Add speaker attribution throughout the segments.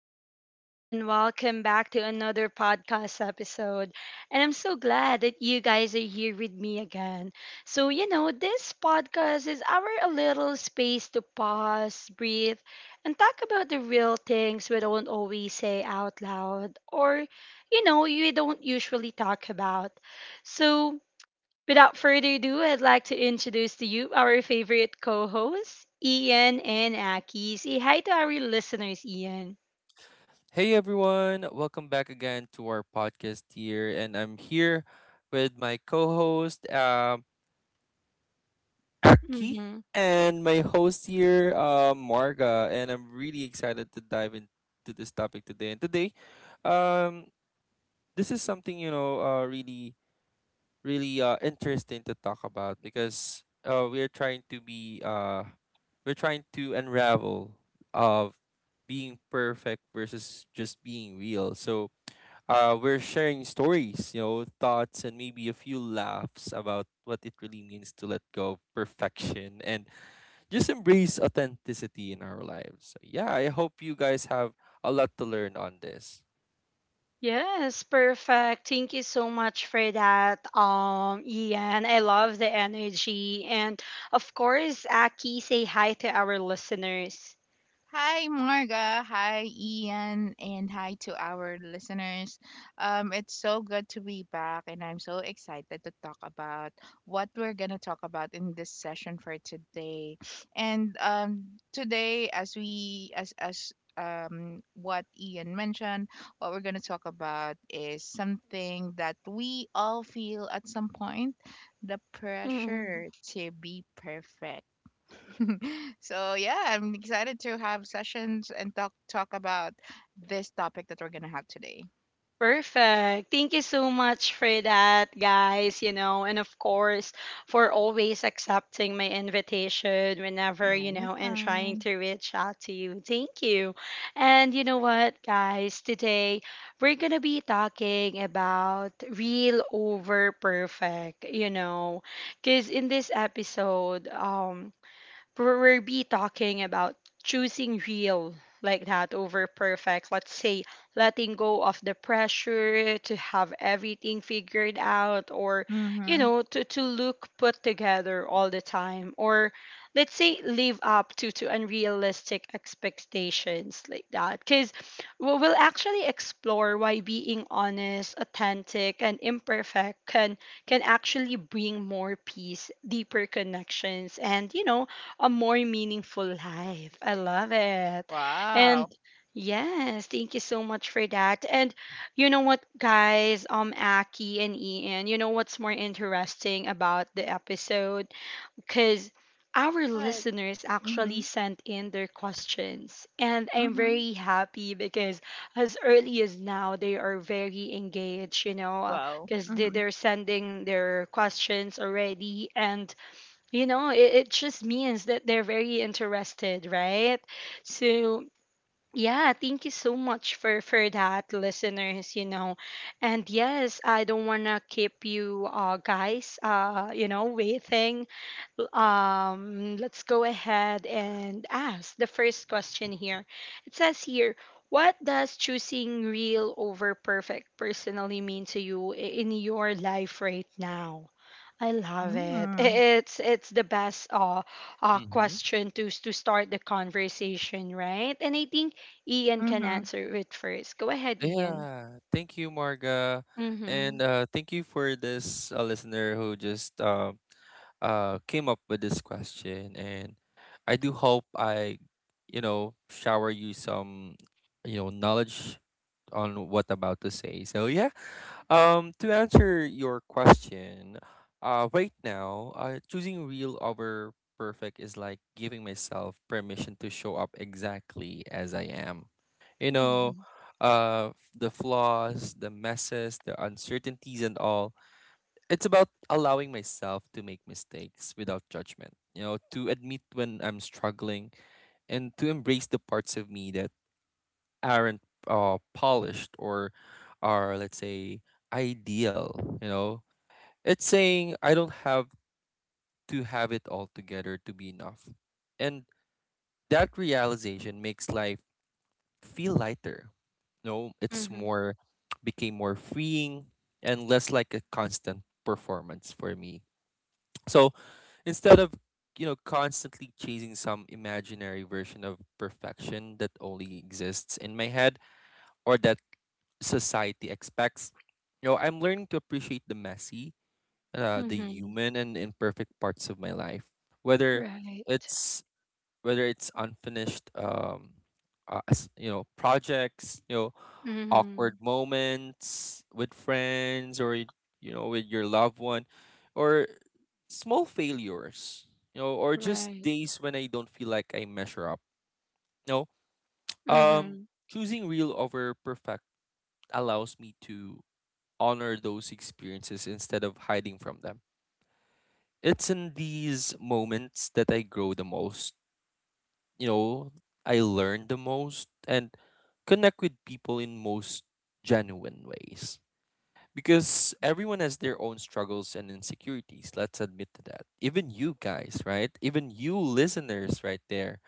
Speaker 1: beautiful people, and welcome back to another podcast episode. And I'm so glad that you guys are here with me again. So, you know, this podcast is our a little space to pause, breathe, and talk about the real things we don't always say out loud or, you know, we don't usually talk about. So, without further ado, I'd like to introduce to you our favorite co-hosts, Ian and Aki. Say hi to our listeners, Ian.
Speaker 2: Hey everyone, welcome back again to our podcast here, and I'm here with my co-host Aki
Speaker 1: Mm-hmm.
Speaker 2: and my host here Marga, and I'm really excited to dive into this topic today. And today, um, this is something really interesting to talk about because we're trying to unravel of being perfect versus just being real. So, we're sharing stories, thoughts, and maybe a few laughs about what it really means to let go of perfection and just embrace authenticity in our lives. So, yeah, I hope you guys have a lot to learn on this.
Speaker 1: Yes, perfect. Thank you so much for that, Ian. I love the energy. And of course, Aki, say hi to our listeners.
Speaker 3: Hi, Marga. Hi, Ian. And hi to our listeners. It's so good to be back, and I'm so excited to talk about what we're going to talk about in this session for today. And Today, as what Ian mentioned, what we're going to talk about is something that we all feel at some point, the pressure to be perfect. So yeah, I'm excited to have sessions and talk about this topic that we're gonna have today.
Speaker 1: Perfect. Thank you so much for that, guys. You know, and of course, for always accepting my invitation whenever,
Speaker 3: Yeah,
Speaker 1: you know, I'm trying
Speaker 3: anytime.
Speaker 1: to reach out to you. Thank you. And you know what, guys? Today, we're going to be talking about real over perfect, you know, because in this episode, we're be talking about choosing real like that over perfect. Let's say letting go of the pressure to have everything figured out or you
Speaker 3: Mm-hmm.
Speaker 1: know to look put together all the time or let's say live up to unrealistic expectations like that, because we'll actually explore why being honest, authentic, and imperfect can actually bring more peace, deeper connections, and you know a more meaningful life. I love it. And
Speaker 3: Wow.
Speaker 1: yes, thank you so much for that. And you know what, guys, Aki and Ian, you know what's more interesting about the episode? Because our
Speaker 3: What?
Speaker 1: listeners actually
Speaker 3: Mm-hmm.
Speaker 1: sent in their questions, and I'm
Speaker 3: Mm-hmm.
Speaker 1: very happy because as early as now, they are very engaged, you know,
Speaker 3: Wow.
Speaker 1: because they,
Speaker 3: Mm-hmm.
Speaker 1: they're sending their questions already, and you know it just means that they're very interested, right? So yeah, thank you so much for that, listeners, you know. And yes, I don't want to keep you guys you know, waiting. Let's go ahead and ask the first question here. It says here, what does choosing real over perfect personally mean to you in your life right now? I love it.
Speaker 3: Mm-hmm.
Speaker 1: It's the best
Speaker 2: Mm-hmm.
Speaker 1: question to start the conversation, right? And I think Ian can
Speaker 3: Mm-hmm.
Speaker 1: answer it first. Go ahead, Ian.
Speaker 2: Yeah, thank you, Marga, and
Speaker 1: Mhm.
Speaker 2: thank you for this listener who just came up with this question. And I do hope I, shower you some, knowledge on what about to say. So yeah, to answer your question, right now, choosing real over perfect is like giving myself permission to show up exactly as I am. You know,
Speaker 1: Mhm.
Speaker 2: the flaws, the messes, the uncertainties, and all. It's about allowing myself to make mistakes without judgment. To admit when I'm struggling and to embrace the parts of me that aren't polished, or are, let's say, ideal. It's saying I don't have to have it all together to be enough, and that realization makes life feel lighter. No, it's
Speaker 1: Mhm.
Speaker 2: more, became more freeing and less like a constant performance for me. So, instead of constantly chasing some imaginary version of perfection that only exists in my head, or that society expects. I'm learning to appreciate the messy, the
Speaker 1: Mhm.
Speaker 2: human and imperfect parts of my life, whether
Speaker 1: Right.
Speaker 2: it's whether it's unfinished projects,
Speaker 1: Mhm.
Speaker 2: awkward moments with friends or with your loved one, or small failures, or just
Speaker 1: Right.
Speaker 2: days when I don't feel like I measure up. You know, um,
Speaker 1: Mhm.
Speaker 2: Choosing real over perfect allows me to honor those experiences instead of hiding from them. It's in these moments that I grow the most. You know, I learn the most and connect with people in most genuine ways. Because everyone has their own struggles and insecurities. Let's admit to that. Even you guys, right? Even you listeners right there.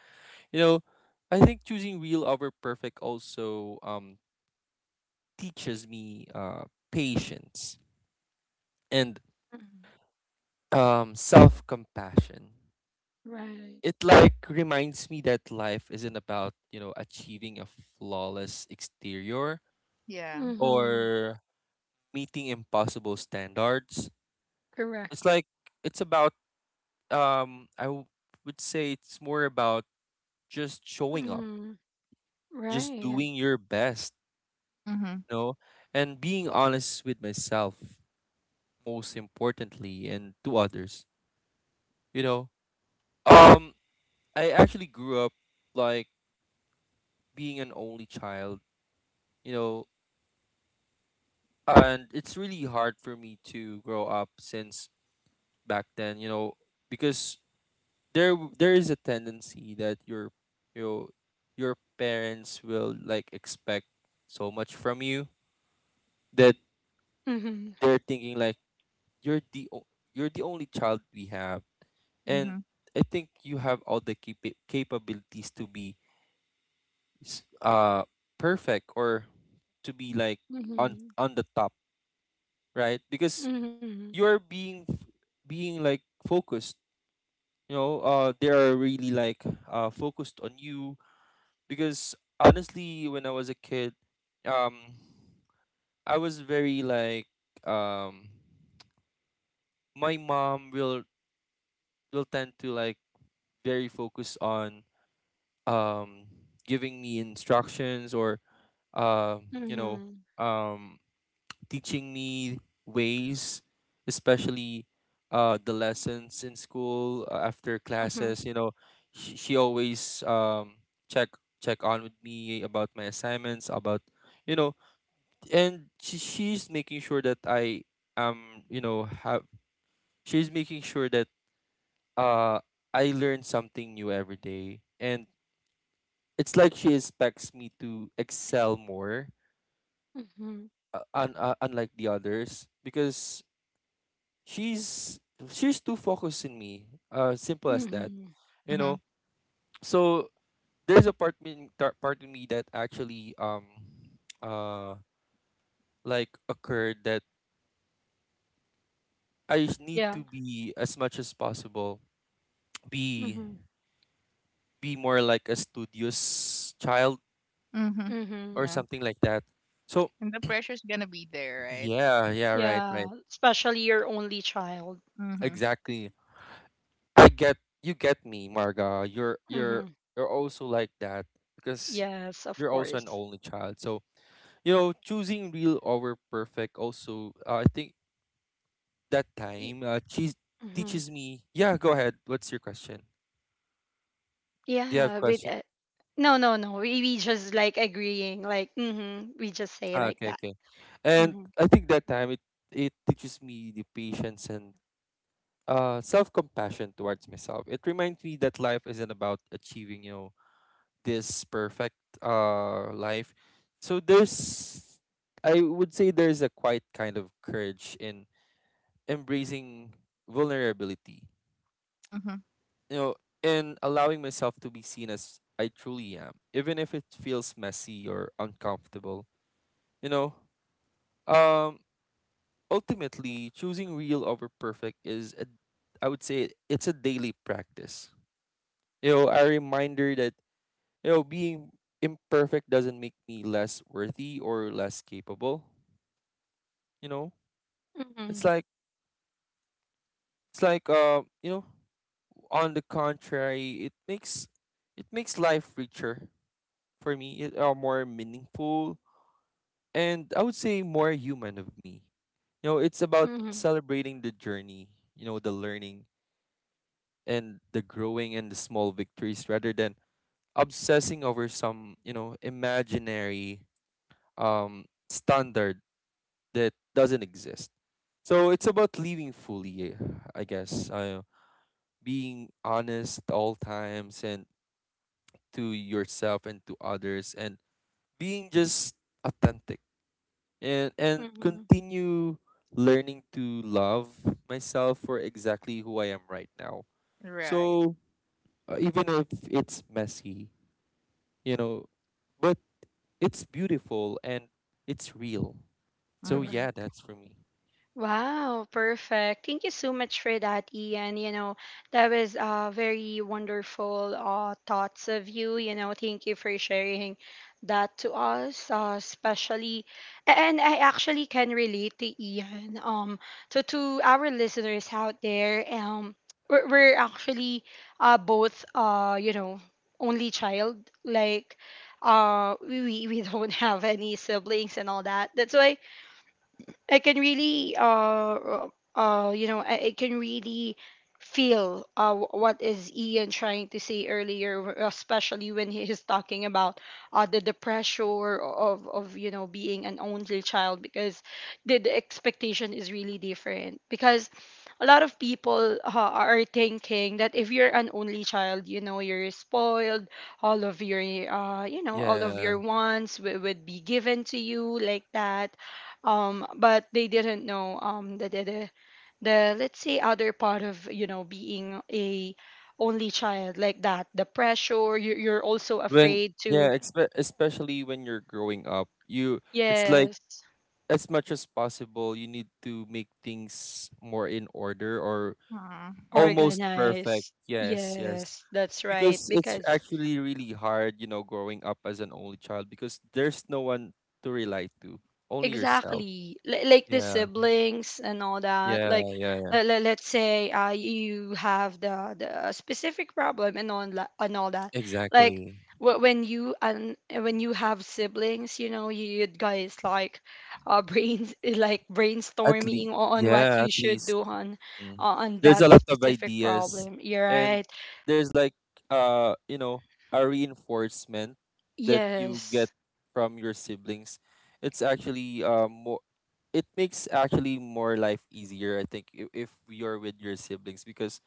Speaker 2: You know, I think choosing real over perfect also teaches me patience and
Speaker 1: Mhm.
Speaker 2: self-compassion.
Speaker 1: Right.
Speaker 2: It, like, reminds me that life isn't about achieving a flawless exterior
Speaker 3: Yeah.
Speaker 2: or
Speaker 1: Mhm.
Speaker 2: meeting impossible standards.
Speaker 1: Correct.
Speaker 2: It's like, it's about, um i w- would say, it's more about just showing up,
Speaker 1: Mhm.
Speaker 2: just
Speaker 1: Right.
Speaker 2: doing your best,
Speaker 3: Mm-hmm.
Speaker 2: you know and being honest with myself, most importantly, and to others. you know um I actually grew up like being an only child, you know, and it's really hard for me to grow up since back then, because there is a tendency that you know, your parents will, like, expect so much from you, that
Speaker 1: Mhm.
Speaker 2: they're thinking like, you're the o- you're the only child we have, and
Speaker 3: Mm-hmm.
Speaker 2: I think you have all the capabilities to be s- uh perfect, or to be like on
Speaker 1: Mhm.
Speaker 2: the top, right? Because
Speaker 1: Mhm.
Speaker 2: you're being like focused. They are really, like, focused on you. Because honestly, when I was a kid, um I was very like um my mom will tend to, like, very focused on um giving me instructions, or uh you know
Speaker 1: Mhm.
Speaker 2: um teaching me ways, especially the lessons in school after
Speaker 1: Mhm.
Speaker 2: classes. She always, check check on with me about my assignments, you know, and she's making sure that I am you know have she's making sure that, uh, I learn something new every day, and it's like she expects me to excel more,
Speaker 1: Mhm.
Speaker 2: unlike the others because she's she's too focused in me. Simple as that.
Speaker 1: Mhm.
Speaker 2: You know.
Speaker 3: Mm-hmm.
Speaker 2: So there's a part in me that actually uh like occurred, that I just need
Speaker 1: Yeah.
Speaker 2: to be as much as possible, be
Speaker 1: Mhm.
Speaker 2: be more like a studious child,
Speaker 3: Mm-hmm.
Speaker 1: Mhm.
Speaker 2: or
Speaker 3: Yeah.
Speaker 2: something like that. So
Speaker 3: And the pressure's gonna be there, right?
Speaker 2: yeah. Yeah, right,
Speaker 1: Yeah.
Speaker 2: right,
Speaker 1: Especially your only child.
Speaker 3: Mm-hmm.
Speaker 2: exactly. I get You get me, Marga. You're
Speaker 1: Mhm.
Speaker 2: you're also like that because
Speaker 1: Yes, of
Speaker 2: you're also an
Speaker 1: course.
Speaker 2: only child. So, choosing real over perfect also, I think that
Speaker 1: Y-
Speaker 2: time, cheese
Speaker 1: Mhm.
Speaker 2: teaches me. Yeah, go ahead. What's your question? Do you have
Speaker 1: Yeah. With
Speaker 2: question?
Speaker 1: no, no, no. We just like agreeing. Like mhm. We just say
Speaker 2: Ah,
Speaker 1: like
Speaker 2: okay,
Speaker 1: that.
Speaker 2: okay. And
Speaker 1: Mhm.
Speaker 2: I think that time, it teaches me the patience and self-compassion towards myself. It reminds me that life isn't about achieving, this perfect life. So there's I would say there's a quite kind of courage in embracing vulnerability,
Speaker 3: Mm-hmm.
Speaker 2: you know, in allowing myself to be seen as I truly am, even if it feels messy or uncomfortable. You know, um, Ultimately, choosing real over perfect is, I would say, it's a daily practice. A reminder that, being imperfect doesn't make me less worthy or less capable. You know, it's
Speaker 1: Mhm.
Speaker 2: like, it's like, on the contrary, it makes life richer for me. It are more meaningful, and I would say more human of me. It's about
Speaker 1: Mhm.
Speaker 2: celebrating the journey, the learning and the growing and the small victories rather than obsessing over some, imaginary standard that doesn't exist. So it's about living fully, I guess. Being honest at all times, and to yourself and to others, and being just authentic, and
Speaker 1: Mhm.
Speaker 2: continue learning to love myself for exactly who I am right now.
Speaker 3: Right.
Speaker 2: So, even if it's messy, you know, but it's beautiful and it's real. So
Speaker 3: Mm-hmm.
Speaker 2: yeah,
Speaker 1: Correct.
Speaker 2: that's for me.
Speaker 1: Wow, perfect. Thank you so much for that, Ian. You know, that was very wonderful thoughts of you. You know, thank you for sharing that to us, especially. And I actually can relate to Ian. So to our listeners out there, we're actually both, you know, only child. Like, we don't have any siblings and all that. That's why I can really uh you know I can really feel what is Ian trying to say earlier, especially when he is talking about the pressure of you know being an only child, because the expectation is really different, because a lot of people are thinking that if you're an only child, you know you're spoiled, all of your you know all of
Speaker 2: Yeah.
Speaker 1: your wants would be given to you like that. But they didn't know the, let's say, other part of you know being a only child like that, the pressure. You you're also
Speaker 2: When
Speaker 1: afraid
Speaker 2: Yeah,
Speaker 1: to
Speaker 2: especially when you're growing up, you it's like,
Speaker 1: yes
Speaker 2: as much as possible, you need to make things more in order, or
Speaker 3: All
Speaker 2: almost perfect.
Speaker 1: organize
Speaker 2: Yes, yes.
Speaker 1: yes that's right
Speaker 2: Because it's
Speaker 1: because
Speaker 2: actually really hard, growing up as an only child, because there's no one to rely to, only yourself.
Speaker 1: exactly. Like the
Speaker 2: Yeah,
Speaker 1: siblings and all that.
Speaker 2: yeah,
Speaker 1: Like,
Speaker 2: yeah, yeah.
Speaker 1: let's say you have the specific problem and all, and all that. Like,
Speaker 2: Exactly.
Speaker 1: when you and when you have siblings, you know, you guys like brains like
Speaker 2: At least,
Speaker 1: brainstorming on what
Speaker 2: yeah,
Speaker 1: you
Speaker 2: at
Speaker 1: should
Speaker 2: least.
Speaker 1: do
Speaker 2: Mm.
Speaker 1: on
Speaker 2: There's a
Speaker 1: that
Speaker 2: lot of
Speaker 1: specific
Speaker 2: ideas,
Speaker 1: problem. You're
Speaker 2: and
Speaker 1: right.
Speaker 2: there's, like, uh, you know, a reinforcement that you get
Speaker 1: Yes.
Speaker 2: from your siblings. It's actually, more. It makes actually more life easier, I think, if you're with your siblings, because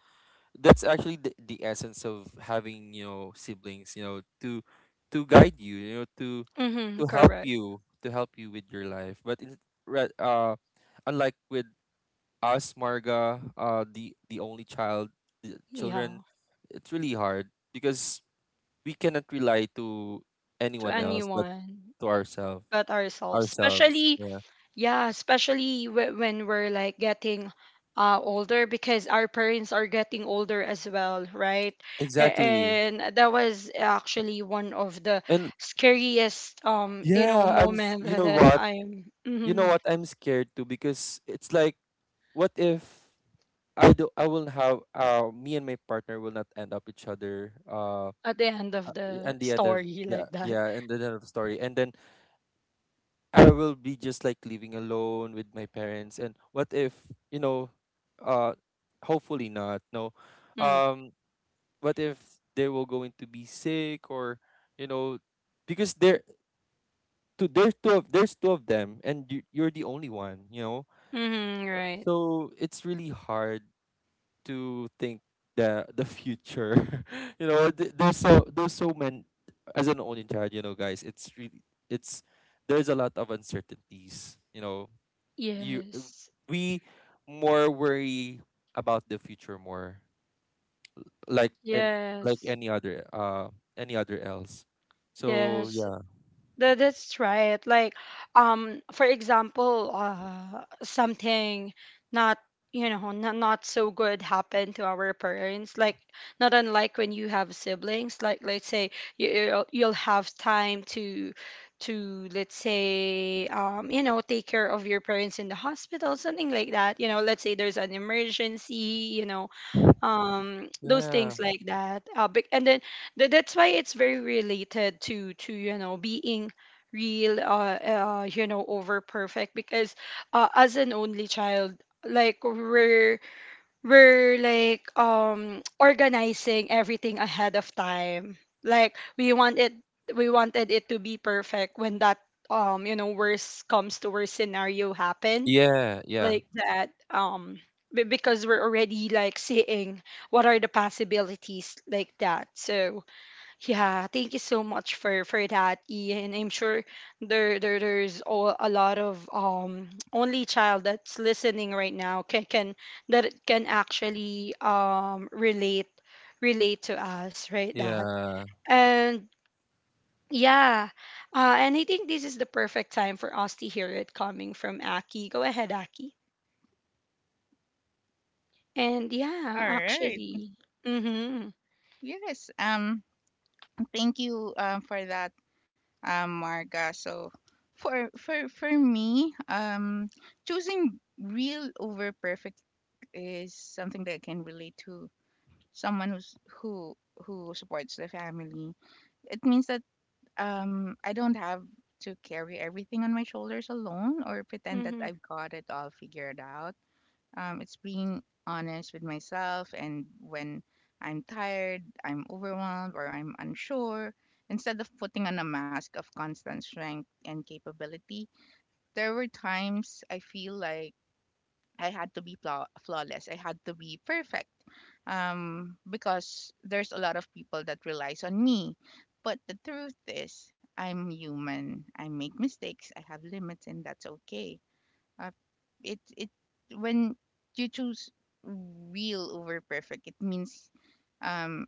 Speaker 2: that's actually the essence of having, siblings, to guide you, you know to
Speaker 1: Mm-hmm,
Speaker 2: help
Speaker 1: correct.
Speaker 2: you, with your life, but re- uh unlike with us, Marga, the only child children,
Speaker 1: Yeah.
Speaker 2: it's really hard because we cannot rely to
Speaker 1: To
Speaker 2: anyone else but
Speaker 1: anyone
Speaker 2: to ourselves
Speaker 1: but ourselves,
Speaker 2: ourselves
Speaker 1: especially
Speaker 2: Yeah,
Speaker 1: yeah, especially when we're like getting older because our parents are getting older as well, right?
Speaker 2: exactly.
Speaker 1: And that was actually one of the
Speaker 2: And
Speaker 1: scariest, you know,
Speaker 2: yeah,
Speaker 1: moment that that I'm
Speaker 2: you know
Speaker 1: mhm,
Speaker 2: what I'm scared too, because it's like, what if I do. I will have. Me and my partner will not end up each other.
Speaker 1: at the end of the
Speaker 2: And the other,
Speaker 1: story
Speaker 2: yeah,
Speaker 1: like that.
Speaker 2: yeah, and the end of the story. And then I will be just like living alone with my parents. And what if, you know? Uh, Hopefully not. No.
Speaker 1: Mm,
Speaker 2: Um, what if they will going to be sick, or you know, because there's two of them, and you're the only one.
Speaker 1: mhm, right.
Speaker 2: So it's really hard to think the future. There's so many, as an only child. It's really, it's there's a lot of uncertainties. You
Speaker 1: Yes.
Speaker 2: we more worry about the future, more, like, and like
Speaker 1: Yes.
Speaker 2: any other else. So
Speaker 1: Yes.
Speaker 2: yeah.
Speaker 1: That, that's right. Like, for example, something not, you know, not, not so good happened to our parents. Like, not unlike when you have siblings. Like, let's say you'll have time to let's say, you know, take care of your parents in the hospital, something like that. You know, let's say there's an emergency. You know, those
Speaker 2: Yeah.
Speaker 1: things like that and then that's why it's very related to you know being real you know over perfect, because as an only child, like we're like organizing everything ahead of time. Like we wanted it to be perfect when that you know worst comes to worst scenario happen
Speaker 2: Yeah, yeah,
Speaker 1: like that. Because we're already like seeing what are the possibilities like that. So yeah, thank you so much for that, Ian. I'm sure there there's all, a lot of only child that's listening right now can that can actually relate to us, right? That
Speaker 2: yeah,
Speaker 1: and yeah, and I think this is the perfect time for us to hear it coming from Aki. Go ahead, Aki. And yeah,
Speaker 3: right.
Speaker 1: actually. Mhm.
Speaker 3: Yes. Thank you, for that, Marga. So for me, choosing real over perfect is something that I can relate to, someone who who supports the family. It means that I don't have to carry everything on my shoulders alone or pretend that
Speaker 1: Mhm.
Speaker 3: I've got it all figured out. It's being honest with myself, and when I'm tired, I'm overwhelmed, or I'm unsure, instead of putting on a mask of constant strength and capability, there were times I feel like I had to be flawless, I had to be perfect, because there's a lot of people that relies on me. But the truth is, I'm human. I make mistakes. I have limits, and that's okay. uh, it it when you choose real over perfect, it means, um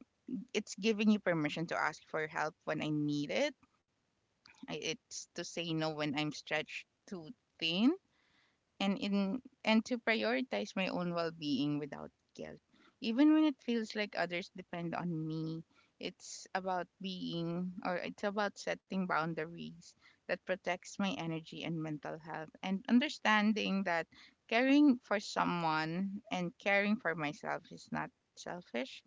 Speaker 3: it's giving you permission to ask for help when I need it. It's to say no when I'm stretched too thin, and to prioritize my own well-being without guilt, even when it feels like others depend on me. It's about setting boundaries that protects my energy and mental health, and understanding that caring for someone and caring for myself is not selfish,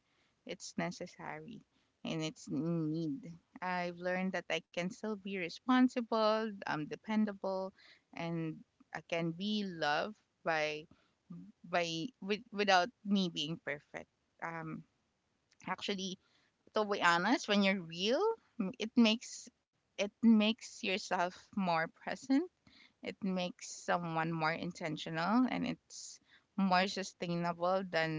Speaker 3: it's necessary, and it's in need. I've learned that I can still be responsible, dependable, and can be loved by, without me being perfect. Um, actually, to be honest, when you're real, it makes it makes yourself more present, it makes someone more intentional, and it's more sustainable than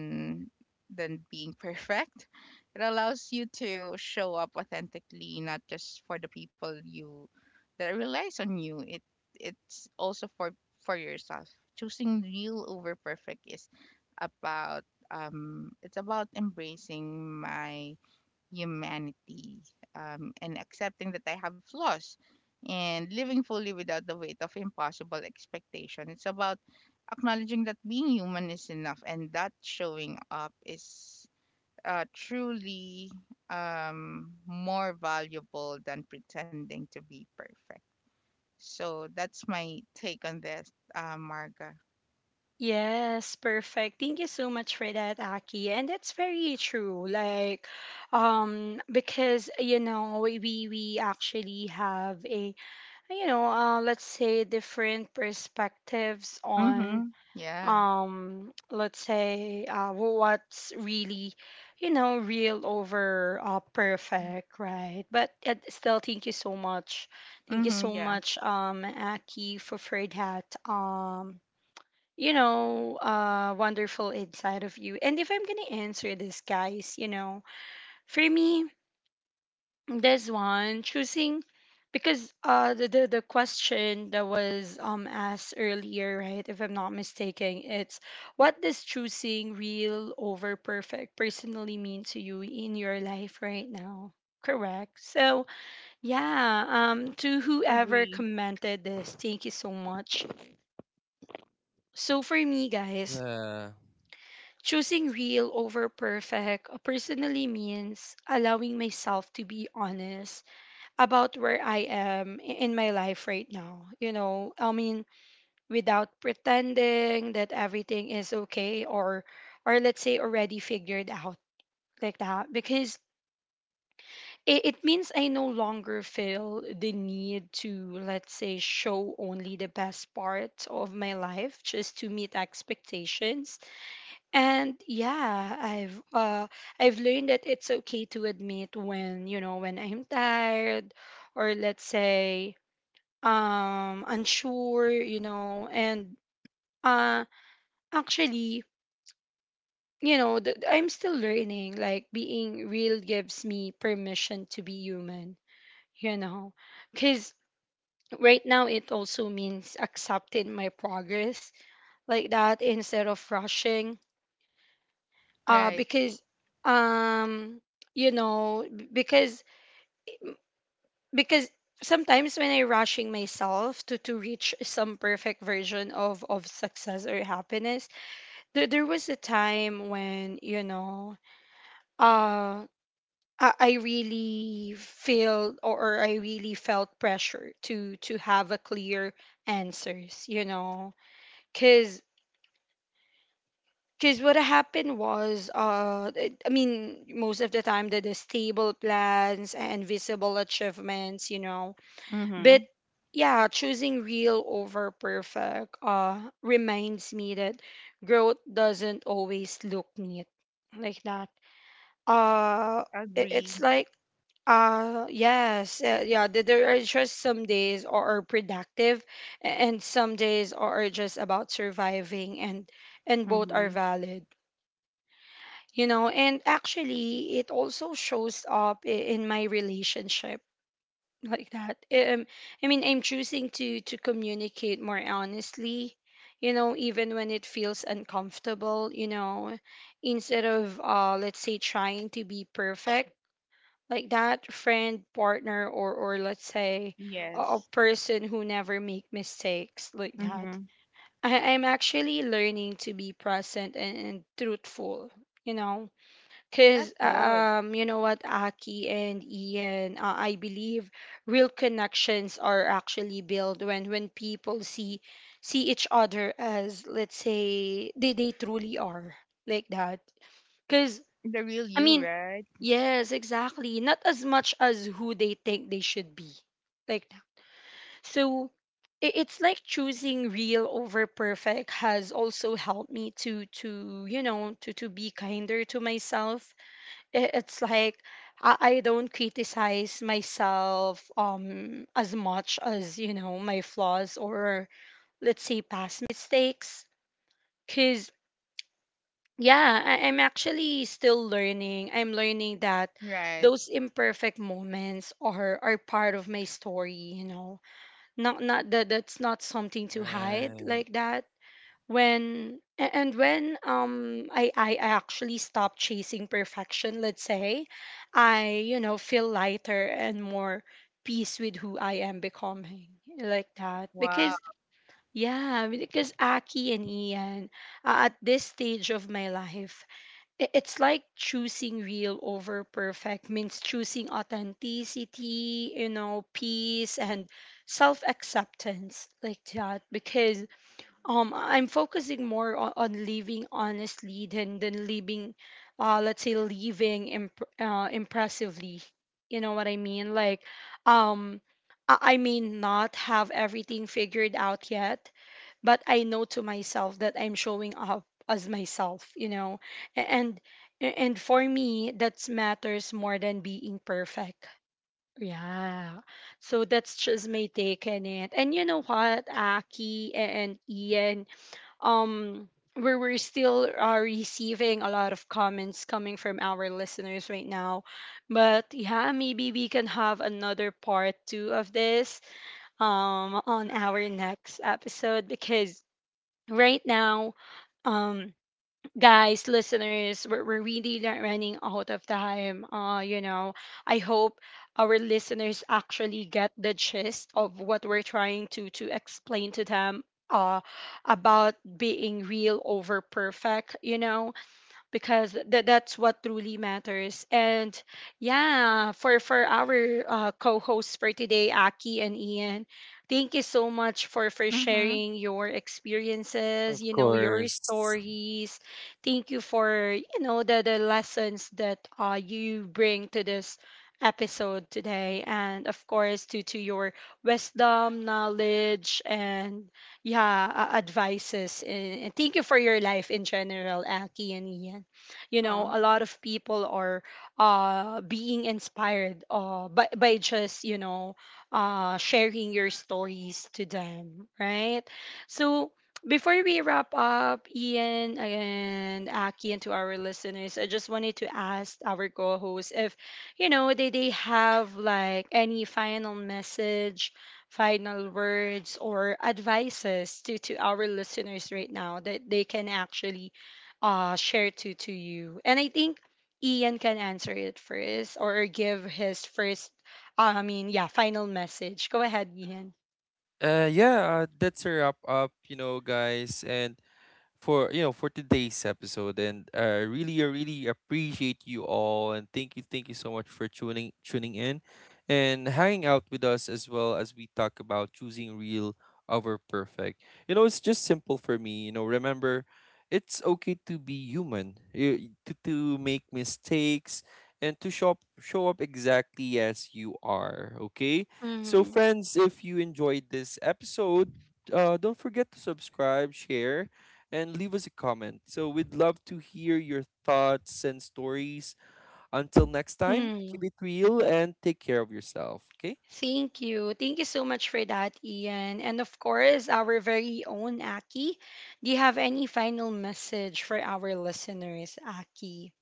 Speaker 3: than being perfect. It allows you to show up authentically, not just for the people you that relies on you. It's also for yourself. Choosing real over perfect is about, it's about embracing my humanity, and accepting that I have flaws and living fully without the weight of impossible expectation. It's about acknowledging that being human is enough and that showing up is truly, more valuable than pretending to be perfect. So that's my take on this, Marga.
Speaker 1: Yes, perfect. Thank you so much for that, Aki. And that's very true. Like because you know, we actually have a you know, let's say different perspectives on
Speaker 3: Mm-hmm. Yeah.
Speaker 1: let's say what's really you know real over perfect, right? But still thank you so much, thank you
Speaker 3: Mm-hmm.
Speaker 1: so
Speaker 3: Yeah.
Speaker 1: much Aki for that, you know wonderful inside of you. And if I'm gonna answer this, guys, you know, for me, this one, choosing, because the question that was asked earlier, right? If I'm not mistaken, it's what does choosing real over perfect personally mean to you in your life right now? Correct. So yeah, to whoever
Speaker 3: Agree.
Speaker 1: commented this, thank you so much. So for me, guys,
Speaker 2: yeah.
Speaker 1: choosing real over perfect personally means allowing myself to be honest about where I am in my life right now. You know, I mean, without pretending that everything is okay or let's say already figured out like that, because it means I no longer feel the need to, let's say, show only the best part of my life just to meet expectations. And yeah, I've learned that it's okay to admit when, you know, when I'm tired or let's say unsure, you know. And uh actually, you know I'm still learning, like being real gives me permission to be human, you know, because right now it also means accepting my progress like that instead of rushing
Speaker 3: Right.
Speaker 1: because um you know b- because sometimes when I rushing myself to reach some perfect version of success or happiness, there was a time when you know uh I really feel or I really felt pressure to have a clear answers, you know. Cuz cuz What happened was I mean most of the time the stable plans and visible achievements, you know. But
Speaker 3: Mm-hmm.
Speaker 1: yeah, choosing real over perfect reminds me that growth doesn't always look neat like that. uh it's
Speaker 3: Agree.
Speaker 1: like yes, yeah, there are just some days are productive and some days are just about surviving, and both
Speaker 3: Mm-hmm.
Speaker 1: are valid, you know. And actually it also shows up in my relationship like that. I mean I'm choosing to communicate more honestly, you know, even when it feels uncomfortable, you know, instead of let's say trying to be perfect like that friend, partner, or let's say a
Speaker 3: Yes.
Speaker 1: person who never make mistakes like that.
Speaker 3: Mm-hmm.
Speaker 1: I'm actually learning to be present and truthful, you know, because
Speaker 3: That's good.
Speaker 1: you know what, Aki and Ian, I believe real connections are actually built when people see see each other as let's say they truly are like that. Cause.
Speaker 3: The real
Speaker 1: I
Speaker 3: you,
Speaker 1: mean,
Speaker 3: right?
Speaker 1: yes, exactly. Not as much as who they think they should be. Like that. So it's like choosing real over perfect has also helped me to you know to be kinder to myself. It's like I don't criticize myself as much as you know my flaws or let's say past mistakes. Cause yeah, I'm actually still learning. I'm learning that
Speaker 3: Right.
Speaker 1: those imperfect moments are part of my story, you know. Not that that's not something to hide
Speaker 2: Right.
Speaker 1: like that. When a- and when I actually stop chasing perfection, let's say, I, you know, feel lighter and more peace with who I am becoming like that.
Speaker 3: Wow.
Speaker 1: Because yeah, because Aki and Ian, at this stage of my life, it's like choosing real over perfect means choosing authenticity, you know, peace and self-acceptance like that. Because I'm focusing more on living honestly than living let's say living impressively, you know what I mean. Um I may not have everything figured out yet, but I know to myself that I'm showing up as myself, you know. A- and and for me, that matters more than being perfect, yeah. So that's just my take on it. And you know what, Aki and Ian, um where we're still receiving a lot of comments coming from our listeners right now. But yeah, maybe we can have another part two of this on our next episode, because right now, um guys, listeners, we're really not running out of time, you know. I hope our listeners actually get the gist of what we're trying to explain to them, uh about being real over perfect, you know. Because that's what truly matters. And yeah, for our co-hosts for today, Aki and Ian, thank you so much for
Speaker 3: Mm-hmm.
Speaker 1: sharing your experiences,
Speaker 2: Of
Speaker 1: you know, your
Speaker 2: course.
Speaker 1: stories. Thank you for, you know, the lessons that you bring to this episode today, and of course to your wisdom, knowledge, and yeah, advices. And thank you for your life in general, Aki and Ian. You know,
Speaker 3: Oh,
Speaker 1: a lot of people are being inspired by just, you know, sharing your stories to them, right? So before we wrap up, Ian and Aki, and to our listeners, I just wanted to ask our co-hosts if, you know, they have like any final message, final words, or advices to our listeners right now that they can actually share to you. And I think Ian can answer it first or give his first, I mean, yeah, final message. Go ahead, Ian.
Speaker 2: Yeah, that's a wrap up, you know, guys. And for you know for today's episode, and really I really appreciate you all, and thank you so much for tuning in and hanging out with us as well, as we talk about choosing real over perfect. It's just simple for me. Remember, it's okay to be human. To to make mistakes, and to show up exactly as you are, okay? So
Speaker 1: Hmm.
Speaker 2: friends, if you enjoyed this episode, don't forget to subscribe, share, and leave us a comment. So we'd love to hear your thoughts and stories. Until next time, keep
Speaker 1: Mm.
Speaker 2: it real and take care of yourself, okay?
Speaker 1: Thank you. Thank you so much for that, Ian. And of course, our very own Aki. Do you have any final message for our listeners, Aki?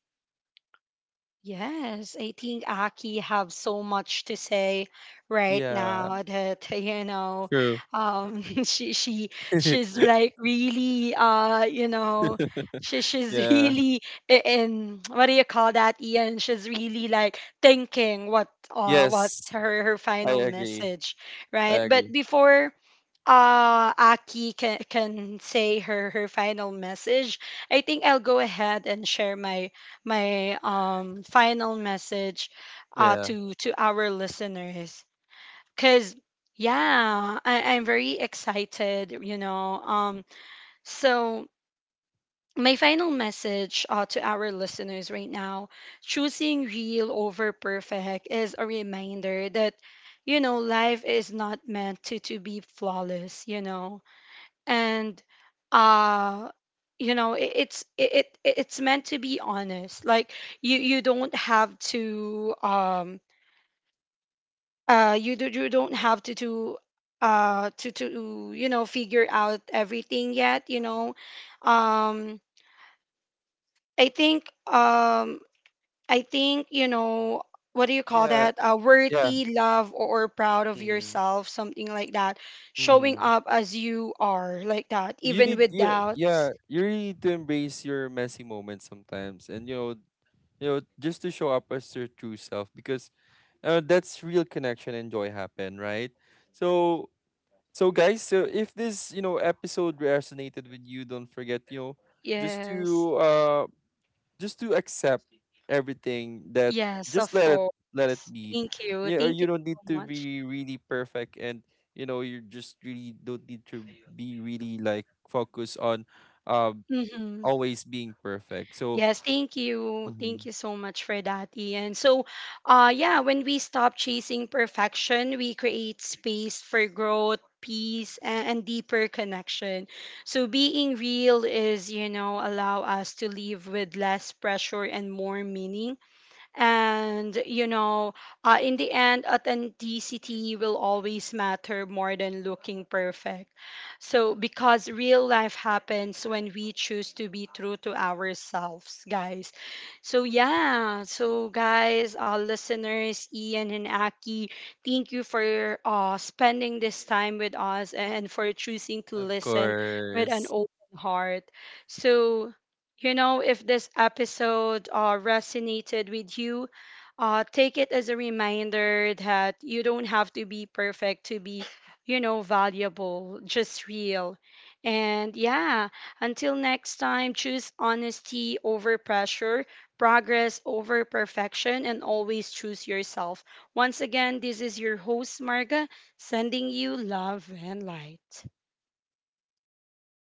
Speaker 1: Yes, I think Aki have so much to say right
Speaker 2: Yeah,
Speaker 1: now that you know,
Speaker 2: true.
Speaker 1: she she's like really, you know, she's
Speaker 2: Yeah.
Speaker 1: really, in what do you call that, Ian? She's really like thinking what, what's
Speaker 2: Yes,
Speaker 1: her her
Speaker 2: I
Speaker 1: final
Speaker 2: agree.
Speaker 1: message,
Speaker 2: I
Speaker 1: right? But
Speaker 2: agree.
Speaker 1: before Aki can say her her final message, I think I'll go ahead and share my my final message
Speaker 2: Yeah.
Speaker 1: to our listeners, cuz yeah, I'm very excited, you know. So my final message, to our listeners right now: choosing real over perfect is a reminder that, you know, life is not meant to be flawless, you know. And uh you know, it's, it it's meant to be honest. Like, you don't have to you do you don't have to do, to, you know, figure out everything yet, you know. Um i think, I think, you know, what do you call
Speaker 2: Yeah.
Speaker 1: that,
Speaker 2: Yeah.
Speaker 1: worthy love or proud of
Speaker 2: Mm-hmm.
Speaker 1: yourself, something like that. Showing up as you are like that, even with
Speaker 2: You,
Speaker 1: doubts.
Speaker 2: yeah, you really need to embrace your messy moments sometimes, and you know, just to show up as your true self, because that's real connection and joy happen, right? So So, guys, so if this, episode resonated with you, don't forget, just
Speaker 1: Yes,
Speaker 2: to uh just to accept everything, that,
Speaker 1: yes,
Speaker 2: just
Speaker 1: of
Speaker 2: let it
Speaker 1: course.
Speaker 2: let it be.
Speaker 1: Thank you.
Speaker 2: You
Speaker 1: Thank
Speaker 2: you
Speaker 1: you
Speaker 2: don't need
Speaker 1: so
Speaker 2: to
Speaker 1: much.
Speaker 2: be really perfect, and you just really don't need to be really, like, focused on um
Speaker 1: Hmm.
Speaker 2: always being perfect. So.
Speaker 1: Yes, thank you. Thank
Speaker 2: Mhm.
Speaker 1: you so much for that, Ian. So, yeah, when we stop chasing perfection, we create space for growth, peace, and deeper connection. So, being real is, you know, allow us to live with less pressure and more meaning. And, you know, in the end, authenticity will always matter more than looking perfect. So, because real life happens when we choose to be true to ourselves, guys. So, yeah. So, guys, our listeners, Ian and Aki, thank you for spending this time with us and for choosing to
Speaker 2: Of
Speaker 1: listen with an
Speaker 2: course.
Speaker 1: open heart. So, you know, if this episode resonated with you, take it as a reminder that you don't have to be perfect to be, you know, valuable, just real. And yeah, until next time, choose honesty over pressure, progress over perfection, and always choose yourself. Once again, this is your host, Marga, sending you love and light.